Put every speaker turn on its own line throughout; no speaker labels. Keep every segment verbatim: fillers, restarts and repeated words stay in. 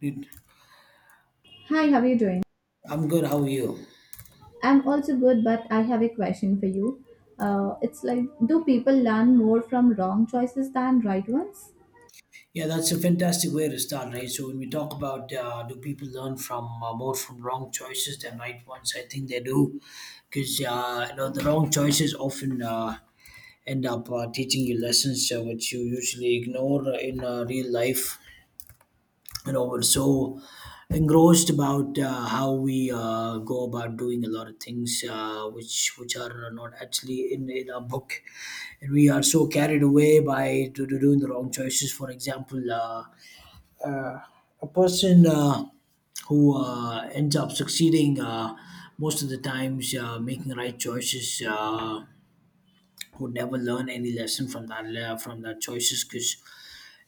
Did-
Hi, how are you doing?
I'm good. How are you?
I'm also good, but I have a question for you. Uh, it's like, do people learn more from wrong choices than right ones?
Yeah, that's a fantastic way to start, right? So when we talk about uh, do people learn from uh, more from wrong choices than right ones, I think they do, because uh, you know the wrong choices often uh, end up uh, teaching you lessons uh, which you usually ignore in uh, real life. You know we're so engrossed about uh, how we uh, go about doing a lot of things uh, which which are not actually in, in our book, and we are so carried away by to, to doing the wrong choices. For example, uh, uh, a person uh, who uh, ends up succeeding uh, most of the times uh, making right choices uh, would never learn any lesson from that le- from that choices, because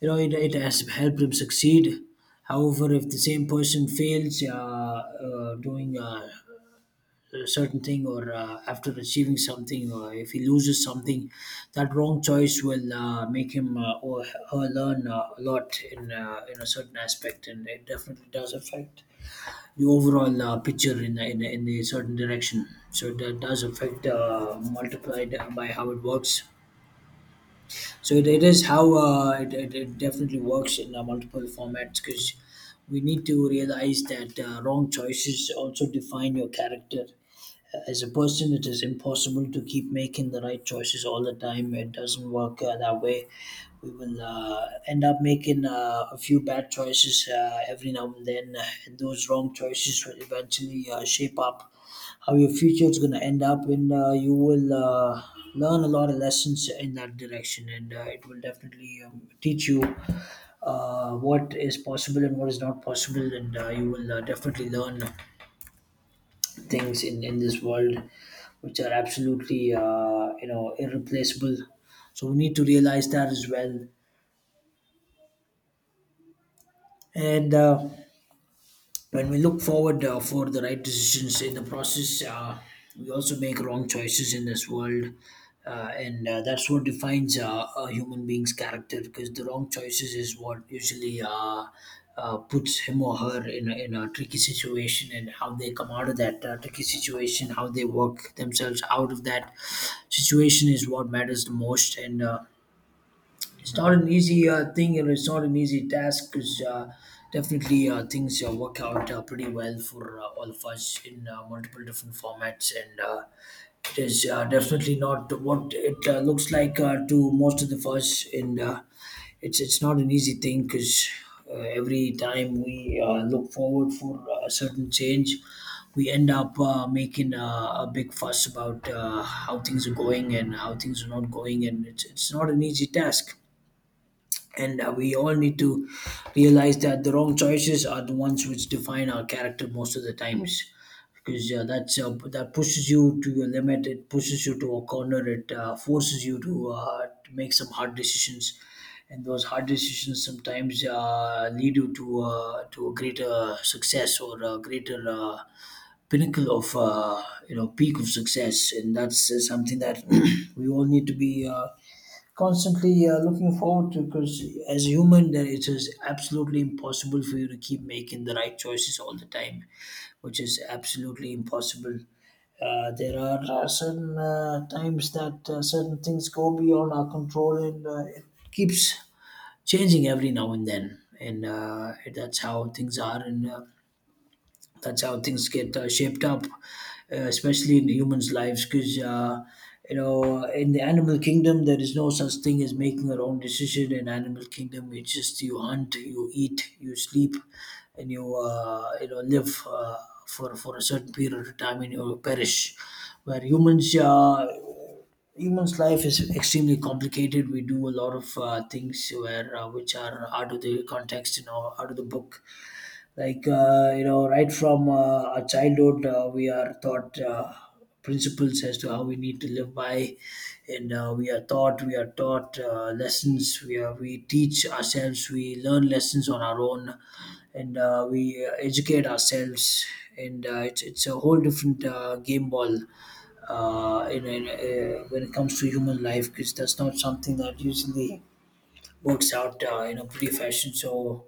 you know, it, it has helped him succeed. However, if the same person fails uh, uh, doing uh, a certain thing, or uh, after achieving something, or if he loses something, that wrong choice will uh, make him uh, or her learn uh, a lot in, uh, in a certain aspect, and it definitely does affect the overall uh, picture in, in, in a certain direction. So that does affect uh, multiplied by how it works. So it, it is how uh, it, it, it definitely works in uh, multiple formats, because we need to realize that uh, wrong choices also define your character uh, as a person. It is impossible to keep making the right choices all the time. It doesn't work uh, that way. We will uh, end up making uh, a few bad choices uh, every now and then, and those wrong choices will eventually uh, shape up how your future is going to end up, and uh, you will uh, learn a lot of lessons in that direction, and uh, it will definitely um, teach you uh, what is possible and what is not possible, and uh, you will uh, definitely learn things in in this world which are absolutely uh, you know irreplaceable. So we need to realize that as well. And uh, when we look forward uh, for the right decisions in the process, uh, we also make wrong choices in this world. Uh, and uh, that's what defines uh, a human being's character, because the wrong choices is what usually uh, uh, puts him or her in a, in a tricky situation, and how they come out of that uh, tricky situation, how they work themselves out of that situation is what matters the most. And uh, it's not an easy uh, thing, and it's not an easy task. Cause uh, definitely uh, things uh, work out uh, pretty well for uh, all of us in uh, multiple different formats, and uh, it is uh, definitely not what it uh, looks like uh, to most of the us. And uh, it's it's not an easy thing, because uh, every time we uh, look forward for uh, a certain change, we end up uh, making uh, a big fuss about uh, how things are going and how things are not going, and it's it's not an easy task. And uh, we all need to realize that the wrong choices are the ones which define our character most of the times. Because uh, that's uh, that pushes you to your limit. It pushes you to a corner. It uh, forces you to, uh, to make some hard decisions, and those hard decisions sometimes uh, lead you to uh, to a greater success or a greater uh, pinnacle of uh, you know peak of success. And that's uh, something that we all need to be. Uh, Constantly uh, looking forward to, because as a human, there it is absolutely impossible for you to keep making the right choices all the time, which is absolutely impossible. Uh, there are uh, certain uh, times that uh, certain things go beyond our control, and uh, it keeps changing every now and then, and uh, that's how things are. And uh, that's how things get uh, shaped up, uh, especially in the human's lives, because uh, you know, in the animal kingdom, there is no such thing as making your own decision. In animal kingdom, it's just you hunt, you eat, you sleep, and you uh, you know live uh, for for a certain period of time, and you perish. Where humans, uh, humans' life is extremely complicated. We do a lot of uh, things where uh, which are out of the context and out of the book, like uh, you know right from uh, our childhood uh, we are taught uh, principles as to how we need to live by, and uh, we are taught we are taught uh, lessons, we are we teach ourselves, we learn lessons on our own, and uh, we uh, educate ourselves, and uh, it's, it's a whole different uh, game ball uh, in, in, uh, when it comes to human life, because that's not something that usually works out uh, in a pretty fashion. So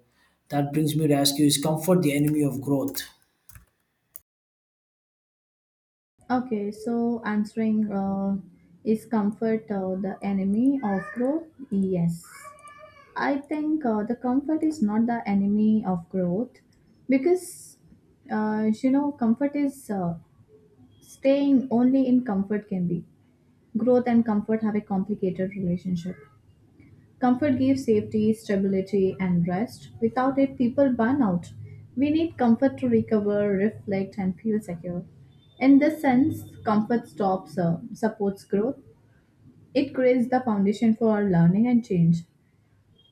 that brings me to ask you: is comfort the enemy of growth?
Okay, so answering uh, is comfort uh, the enemy of growth? Yes. I think uh, the comfort is not the enemy of growth because, uh, you know, comfort is uh, staying only in comfort can be. Growth and comfort have a complicated relationship. Comfort gives safety, stability, and rest. Without it, people burn out. We need comfort to recover, reflect, and feel secure. In this sense, comfort stops, uh, supports growth. It creates the foundation for learning and change.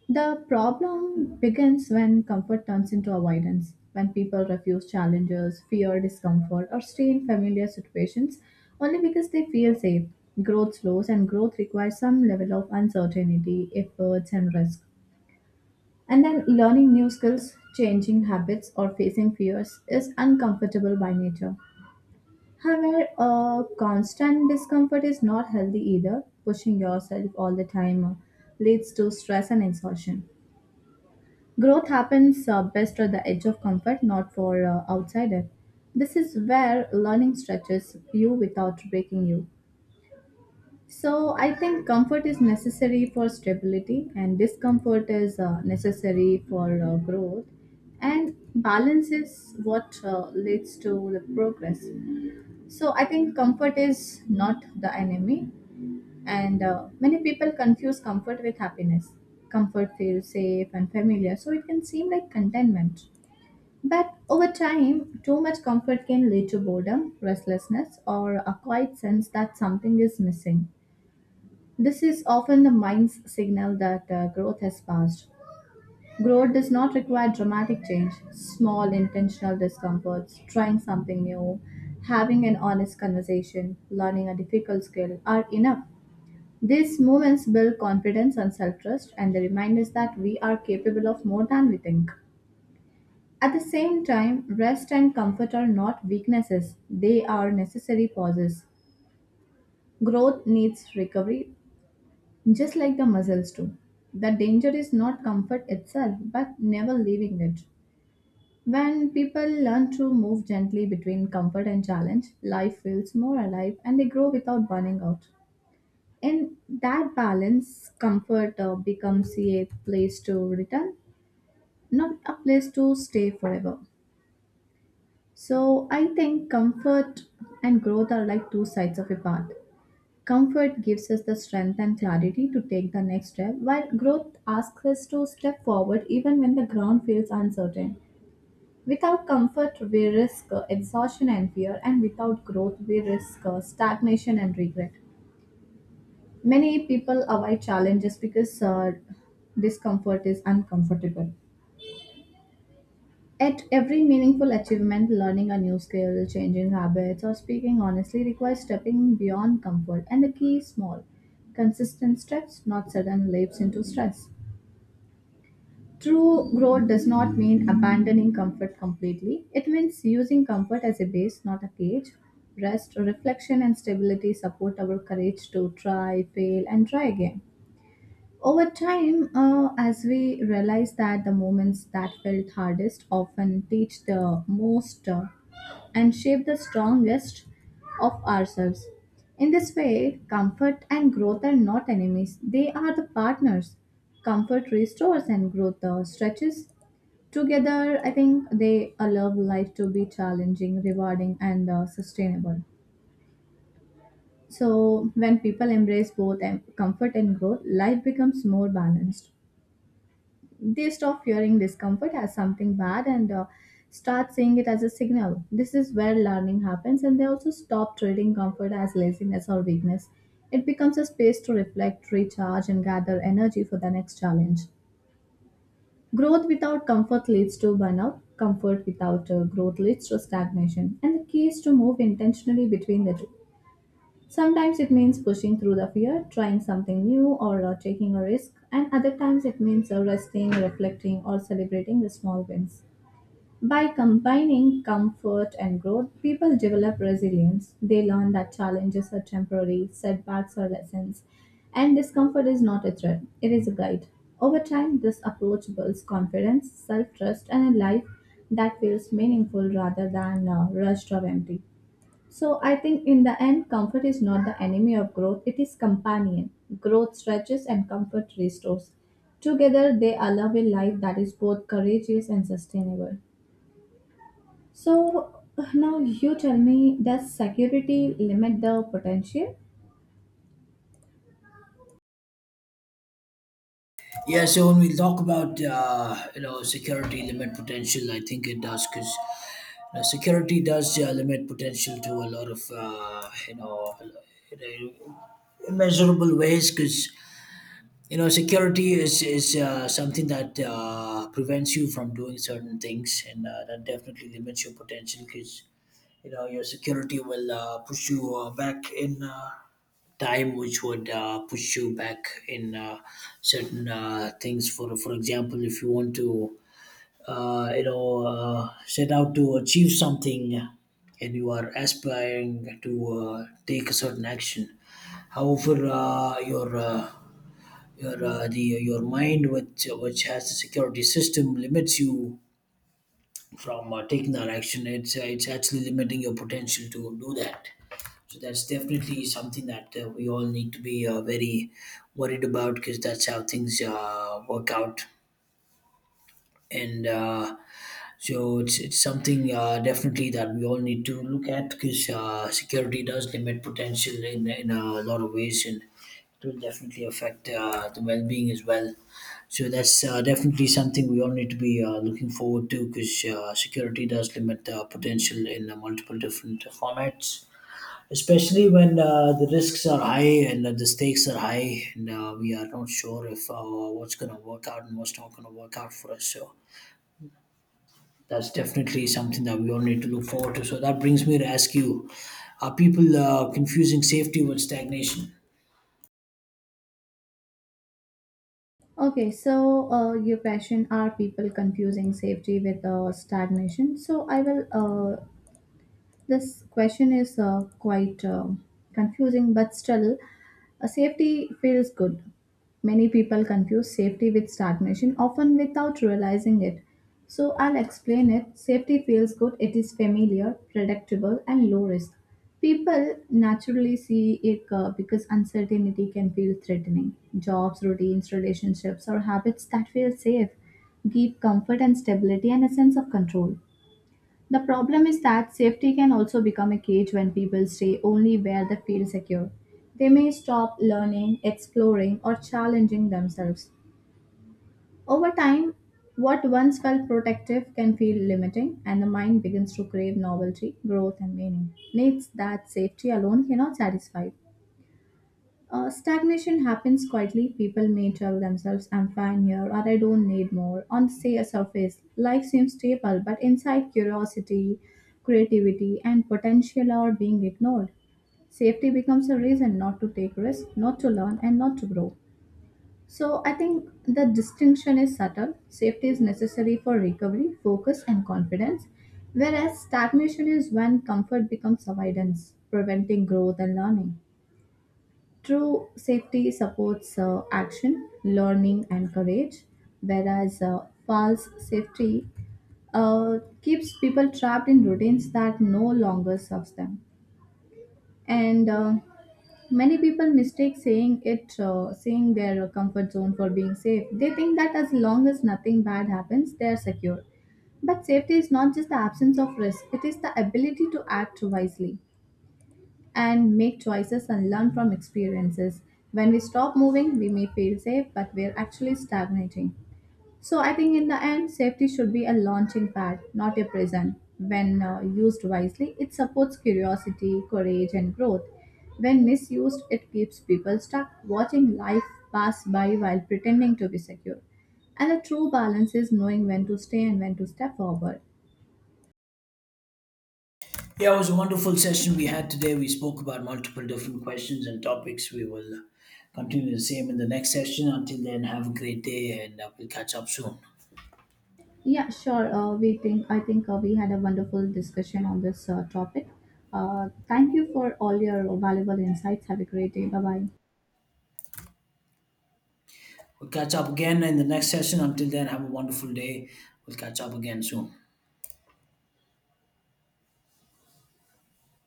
The problem begins when comfort turns into avoidance, when people refuse challenges, fear discomfort, or stay in familiar situations only because they feel safe. Growth slows, and growth requires some level of uncertainty, efforts, and risk. And then learning new skills, changing habits, or facing fears is uncomfortable by nature. However, uh, constant discomfort is not healthy either. Pushing yourself all the time uh, leads to stress and exhaustion. Growth happens uh, best at the edge of comfort, not for uh, outsider. This is where learning stretches you without breaking you. So I think comfort is necessary for stability and discomfort is uh, necessary for uh, growth and balance is what uh, leads to the progress. So I think comfort is not the enemy and uh, many people confuse comfort with happiness. Comfort feels safe and familiar so it can seem like contentment. But over time, too much comfort can lead to boredom, restlessness, or a quiet sense that something is missing. This is often the mind's signal that uh, growth has passed. Growth does not require dramatic change, small intentional discomforts, trying something new, having an honest conversation, learning a difficult skill are enough. These moments build confidence and self trust, and they remind us that we are capable of more than we think. At the same time, rest and comfort are not weaknesses, they are necessary pauses. Growth needs recovery, just like the muscles do. The danger is not comfort itself, but never leaving it. When people learn to move gently between comfort and challenge, life feels more alive and they grow without burning out. In that balance, comfort uh, becomes a place to return, not a place to stay forever. So I think comfort and growth are like two sides of a path. Comfort gives us the strength and clarity to take the next step, while growth asks us to step forward even when the ground feels uncertain. Without comfort, we risk uh, exhaustion and fear, and without growth, we risk uh, stagnation and regret. Many people avoid challenges because uh, discomfort is uncomfortable. At every meaningful achievement, learning a new skill, changing habits, or speaking honestly requires stepping beyond comfort, and the key is small, consistent steps, not sudden leaps into stress. True growth does not mean abandoning comfort completely. It means using comfort as a base, not a cage. Rest, reflection, and stability support our courage to try, fail, and try again. Over time, uh, as we realize that the moments that felt hardest often teach the most uh, and shape the strongest of ourselves. In this way, comfort and growth are not enemies, they are the partners. Comfort restores and growth uh, stretches. Together, I think they allow life to be challenging, rewarding, and uh, sustainable. So, when people embrace both em- comfort and growth, life becomes more balanced they stop fearing discomfort as something bad and uh, start seeing it as a signal. This is where learning happens, and they also stop treating comfort as laziness or weakness. It becomes a space to reflect, recharge, and gather energy for the next challenge. Growth without comfort leads to burnout. Comfort without uh, growth leads to stagnation. And the key is to move intentionally between the two. Sometimes it means pushing through the fear, trying something new, or uh, taking a risk, and other times it means uh, resting, reflecting, or celebrating the small wins. By combining comfort and growth, people develop resilience. They learn that challenges are temporary, setbacks are lessons, and discomfort is not a threat, it is a guide. Over time, this approach builds confidence, self trust, and a life that feels meaningful rather than uh, rushed or empty. So I think in the end, comfort is not the enemy of growth, it is companion. Growth stretches and comfort restores. Together they allow a life that is both courageous and sustainable. So now you tell me, does security limit the potential?
Yeah. So when we talk about uh, you know security limit potential, I think it does, because you know, security does uh, limit potential to a lot of uh, you know you know, immeasurable ways, because you know security is is uh, something that uh, prevents you from doing certain things, and uh, that definitely limits your potential, because you know your security will uh, push you uh, back in uh, time, which would uh, push you back in uh, certain uh, things. For for example, if you want to uh, you know uh, set out to achieve something, and you are aspiring to uh, take a certain action, however uh, your uh, your uh, the your mind which which has the security system limits you from uh, taking that action. It's uh, it's actually limiting your potential to do that. So that's definitely something that uh, we all need to be uh, very worried about, because that's how things uh, work out. And uh, so it's it's something uh, definitely that we all need to look at, because uh, security does limit potential in in a lot of ways, and it will definitely affect uh, the well being as well. So that's uh, definitely something we all need to be uh, looking forward to, because uh, security does limit uh, potential in uh, multiple different formats, especially when uh, the risks are high, and uh, the stakes are high, and uh, we are not sure if uh, what's going to work out and what's not going to work out for us. So that's definitely something that we all need to look forward to. So that brings me to ask you: are people uh, confusing safety with stagnation?
Okay, so uh, your question: are people confusing safety with uh, stagnation. So I will uh, This question is uh, quite uh, confusing, but still, uh, safety feels good. Many people confuse safety with stagnation, often without realizing it. So, I'll explain it. Safety feels good, it is familiar, predictable, and low risk. People naturally see it uh, because uncertainty can feel threatening. Jobs, routines, relationships, or habits that feel safe give comfort and stability and a sense of control. The problem is that safety can also become a cage when people stay only where they feel secure. They may stop learning, exploring, or challenging themselves. Over time, what once felt protective can feel limiting, and the mind begins to crave novelty, growth, and meaning. Needs that safety alone cannot satisfy. Uh, stagnation happens quietly. People may tell themselves, I'm fine here, or I don't need more. On say a surface, life seems stable, but inside curiosity, creativity, and potential are being ignored. Safety becomes a reason not to take risks, not to learn, and not to grow. So I think the distinction is subtle. Safety is necessary for recovery, focus, and confidence, whereas stagnation is when comfort becomes avoidance, preventing growth and learning. True safety supports uh, action, learning, and courage, whereas uh, false safety uh, keeps people trapped in routines that no longer serves them. And uh, many people mistake saying it, uh, saying their comfort zone for being safe. They think that as long as nothing bad happens, they are secure. But safety is not just the absence of risk; it is the ability to act wisely and make choices and learn from experiences. When we stop moving, we may feel safe, but we're actually stagnating. So I think in the end, safety should be a launching pad, not a prison. When uh, used wisely, it supports curiosity, courage, and growth. When misused, it keeps people stuck, watching life pass by while pretending to be secure. And a true balance is knowing when to stay and when to step forward.
Yeah, it was a wonderful session we had today. We spoke about multiple different questions and topics. We will continue the same in the next session. Until then, have a great day, and uh, we'll catch up soon.
Yeah, sure. Uh, we think I think uh, we had a wonderful discussion on this uh, topic. Uh, thank you for all your valuable insights. Have a great day. Bye bye.
We'll catch up again in the next session. Until then, have a wonderful day. We'll catch up again soon.